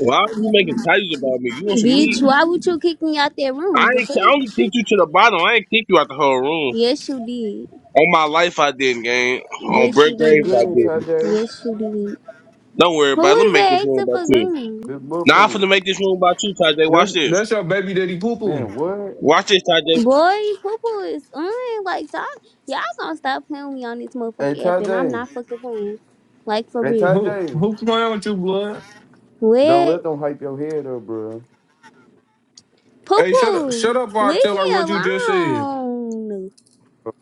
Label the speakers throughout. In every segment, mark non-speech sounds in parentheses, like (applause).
Speaker 1: Why are you making titles about me? You want some
Speaker 2: Bitch,
Speaker 1: meat?
Speaker 2: why would you kick me out that
Speaker 1: I
Speaker 2: room? The
Speaker 1: ain't.
Speaker 2: fuck?
Speaker 1: I only kicked you to the bottom. I ain't kicked you out the whole room.
Speaker 2: Yes, you did.
Speaker 1: On my life, I didn't, gang. On
Speaker 2: Yes,
Speaker 1: Brett
Speaker 2: you
Speaker 1: Graves,
Speaker 2: did.
Speaker 1: I
Speaker 3: Good,
Speaker 1: didn't.
Speaker 3: Tajay.
Speaker 2: Yes, you did.
Speaker 1: Don't worry about
Speaker 2: Who
Speaker 1: it. Let
Speaker 2: is
Speaker 1: me make this
Speaker 2: that
Speaker 1: room
Speaker 2: acting
Speaker 1: about
Speaker 2: for
Speaker 1: you.
Speaker 2: green?
Speaker 3: This
Speaker 1: Now I'm
Speaker 3: bulletproof.
Speaker 1: finna make this room about you, Tajay.
Speaker 4: That's
Speaker 1: Watch this.
Speaker 4: that's your baby daddy poo poo.
Speaker 3: Man, what?
Speaker 1: Watch this, Tajay.
Speaker 2: Boy, Poo is on. Like, so I- y'all gonna stop playing with me on this
Speaker 3: Hey,
Speaker 2: motherfucking app, and I'm
Speaker 3: Tajay.
Speaker 2: not fucking playing. Like, for
Speaker 3: Hey,
Speaker 2: real.
Speaker 4: Who
Speaker 3: Tajay.
Speaker 4: who playing with you, blood?
Speaker 3: Don't
Speaker 2: What?
Speaker 3: let them hype your head up, bro.
Speaker 4: Hey, shut up!
Speaker 2: Poo,
Speaker 4: Shut up! Or I
Speaker 2: leave
Speaker 4: tell her
Speaker 2: me
Speaker 4: what you just said.
Speaker 2: alone.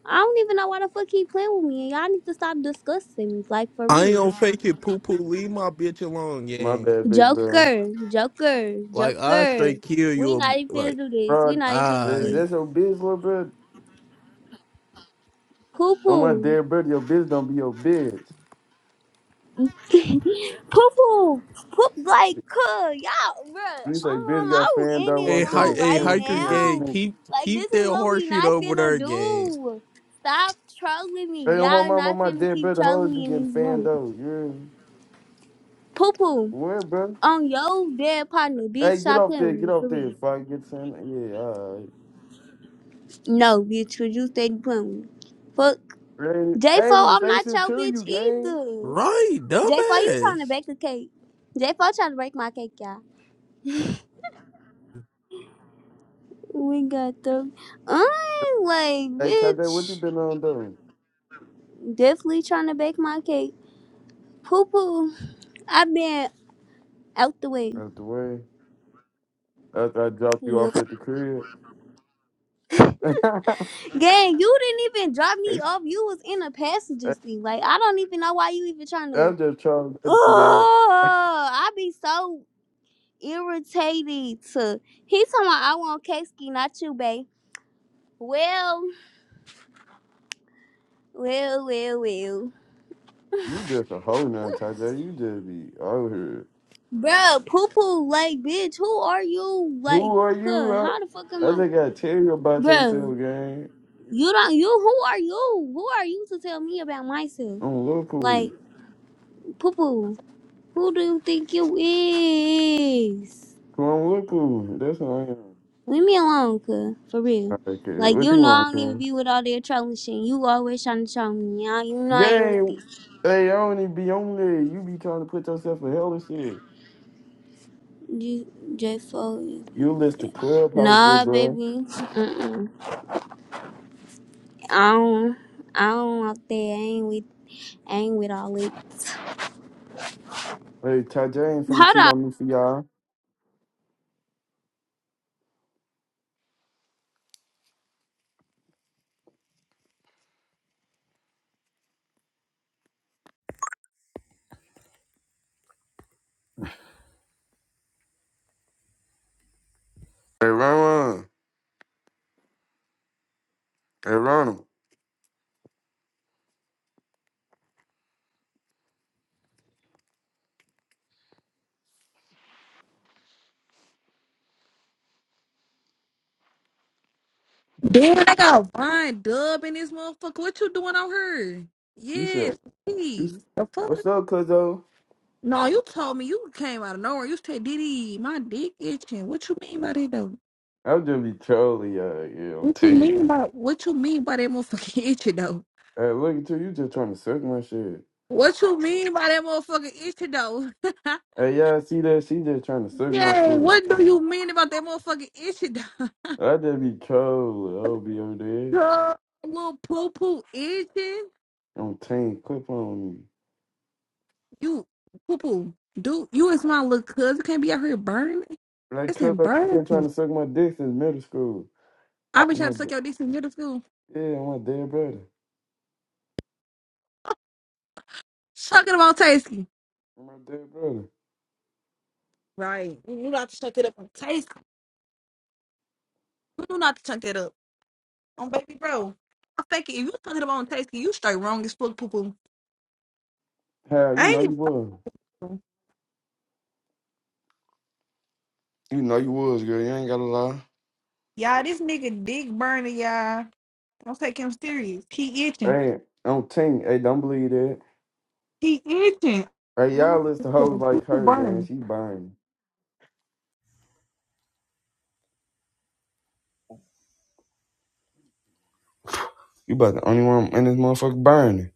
Speaker 2: I don't even know why the fuck he playing with me, and y'all need to stop discussing me. Like, for
Speaker 5: I ain't
Speaker 2: real.
Speaker 5: gonna fake it, poo poo. Leave my bitch alone,
Speaker 3: My
Speaker 5: gang.
Speaker 3: bad, big bro.
Speaker 2: Joker, Joker,
Speaker 5: Like I
Speaker 2: Joker.
Speaker 5: straight kill
Speaker 2: We
Speaker 5: you.
Speaker 2: not even finna
Speaker 5: Like
Speaker 2: do this. We
Speaker 3: Bro,
Speaker 2: not even finna do
Speaker 3: hey,
Speaker 5: I,
Speaker 2: this.
Speaker 3: that's your bitch, little bro.
Speaker 2: Poo
Speaker 3: On my
Speaker 2: poo,
Speaker 3: dead brother, your bitch don't be your bitch.
Speaker 2: poo poo, poop like cuh. Y'all, bruh.
Speaker 3: You say bitch
Speaker 2: Um, I
Speaker 3: got
Speaker 2: was
Speaker 3: fanned
Speaker 2: in
Speaker 3: out,
Speaker 2: this
Speaker 5: hey,
Speaker 3: walked in
Speaker 5: hi,
Speaker 3: the
Speaker 2: room
Speaker 5: hey,
Speaker 2: right
Speaker 3: store, she
Speaker 5: hiker
Speaker 3: had
Speaker 5: gang.
Speaker 2: now.
Speaker 3: something.
Speaker 5: Keep
Speaker 2: Like this
Speaker 5: keep that
Speaker 2: is what we
Speaker 5: horseshit
Speaker 2: not
Speaker 5: over
Speaker 2: finna
Speaker 5: there, gang.
Speaker 2: do. Stop trolling me.
Speaker 3: Hey, on my
Speaker 2: Y'all
Speaker 3: mama,
Speaker 2: not
Speaker 3: my
Speaker 2: finna
Speaker 3: dead
Speaker 2: keep
Speaker 3: brother,
Speaker 2: trolling
Speaker 3: hoes be
Speaker 2: me
Speaker 3: getting
Speaker 2: in this
Speaker 3: fanned
Speaker 2: room.
Speaker 3: out. You're
Speaker 2: Poo poo
Speaker 3: what, bro?
Speaker 2: on your dead partner, bitch.
Speaker 3: Hey, get
Speaker 2: Stop
Speaker 3: off
Speaker 2: playing
Speaker 3: there,
Speaker 2: with
Speaker 3: get
Speaker 2: me
Speaker 3: off
Speaker 2: for
Speaker 3: there.
Speaker 2: real.
Speaker 3: If I get something, yeah, all
Speaker 2: No, bitch, cause you stay playing with me. Fuck
Speaker 3: right. Ain't
Speaker 2: J4,
Speaker 3: ain't even
Speaker 2: I'm
Speaker 3: say
Speaker 2: not
Speaker 3: shit
Speaker 2: your
Speaker 3: to
Speaker 2: bitch
Speaker 3: you, gang.
Speaker 2: either.
Speaker 5: Right,
Speaker 2: J4, you trying
Speaker 5: dumbass.
Speaker 2: to bake a cake. J4 trying to break my cake, y'all. We got the. I'm like,
Speaker 3: Hey, Tade, what you
Speaker 2: bitch.
Speaker 3: been on doing?
Speaker 2: Definitely trying to bake my cake. Poo poo. i been out the way.
Speaker 3: Out the way, after I dropped you
Speaker 2: Yup.
Speaker 3: off at the crib. (laughs)
Speaker 2: Gang, you didn't even drop me
Speaker 3: Hey,
Speaker 2: off. You was in a passenger seat. Like, I don't even know why you even trying to.
Speaker 3: I'm just trying to do that.
Speaker 2: Oh, I be so irritated. To... He talking about I want cake ski, not you, babe. Well. Well, well, well.
Speaker 3: You just a hoe now, Tajay. You just be out here.
Speaker 2: Bro, poo poo, like, bitch, who are you? Like,
Speaker 3: Who are you?
Speaker 2: huh,
Speaker 3: I,
Speaker 2: how the fuck am
Speaker 3: I
Speaker 2: I?
Speaker 3: just gotta tell you about
Speaker 2: Bro,
Speaker 3: yourself, gang.
Speaker 2: you don't, you, who are you? Who are you to tell me about myself?
Speaker 3: I'm Liverpool.
Speaker 2: Like, poo poo, who do you think you is?
Speaker 3: Come on, Liverpool. That's who
Speaker 2: Leave me alone, cuz, for
Speaker 3: I
Speaker 2: real.
Speaker 3: am. Okay,
Speaker 2: Like,
Speaker 3: what
Speaker 2: you
Speaker 3: you
Speaker 2: know, I
Speaker 3: want,
Speaker 2: don't even
Speaker 3: to
Speaker 2: be with all that trolling shit. You always trying to troll me. I, you know, I ain't with
Speaker 3: Gang,
Speaker 2: this.
Speaker 3: hey, I don't even be on there. You be trying to put yourself in hell and shit.
Speaker 2: You, J4.
Speaker 3: You list the clubhouse with,
Speaker 2: Nah,
Speaker 3: bro.
Speaker 2: baby. Mm-mm. I don't, I don't like that. I ain't with Ain't with all it.
Speaker 3: Hey, Tajay ain't finna
Speaker 2: Hold
Speaker 3: cheat on me for y'all. Hey Ron, hey Ronald,
Speaker 6: Damn, I got Von Dub in this motherfucker. What you doing on her?
Speaker 3: you said
Speaker 6: Yes,
Speaker 3: you. s-
Speaker 6: please. The fuck?
Speaker 3: What's up, Cuzzo?
Speaker 6: No, you told me you came out of nowhere. You said, Diddy, my dick itching. What you mean by that though?
Speaker 3: I'll just be trolling y'all, you know.
Speaker 6: What you
Speaker 3: T.
Speaker 6: mean by what you mean by that motherfucking (laughs) itching though?
Speaker 3: Hey, look at you, you just trying to suck my shit.
Speaker 6: What you mean by that motherfucking itching though? (laughs)
Speaker 3: Hey, y'all see that? She just trying to suck my
Speaker 6: Yeah,
Speaker 3: shit.
Speaker 6: what do you mean about that motherfucking itching though?
Speaker 3: I just be trolling. I'll be over
Speaker 6: (laughs)
Speaker 3: there
Speaker 6: Girl, little poo poo itching?
Speaker 3: on team clip on me.
Speaker 6: You poo poo. Dude, you is my little cousin. Can't be out here burning.
Speaker 3: Like
Speaker 6: It's
Speaker 3: Cuzzo, you been
Speaker 6: embarrassing.
Speaker 3: trying to suck my dick since middle school.
Speaker 6: I be
Speaker 3: I'm
Speaker 6: trying
Speaker 3: my,
Speaker 6: to
Speaker 3: br-
Speaker 6: suck your dick in middle school.
Speaker 3: yeah, I'm my dead brother.
Speaker 6: Chuck it up on Tasty.
Speaker 3: I'm my dead brother.
Speaker 6: Right. You knew not to chuck it up on Tasty. You knew not to chuck that up on baby bro. I fake it. If you chuck it up on Tasty, you straight wrong as fuck poo poo.
Speaker 3: How you
Speaker 6: I
Speaker 3: know you
Speaker 6: ain't
Speaker 3: was?
Speaker 6: even.
Speaker 3: You know you was, girl. You ain't gotta lie.
Speaker 6: Y'all, this nigga dick burner, y'all. Don't take him serious. He itching.
Speaker 3: Hey, on team. Hey, don't believe that.
Speaker 6: He itching.
Speaker 3: Hey, y'all listen to hoes
Speaker 6: Poo-poo
Speaker 3: like her, gang.
Speaker 6: burning.
Speaker 3: She burning. You about the only one in this motherfucker burning.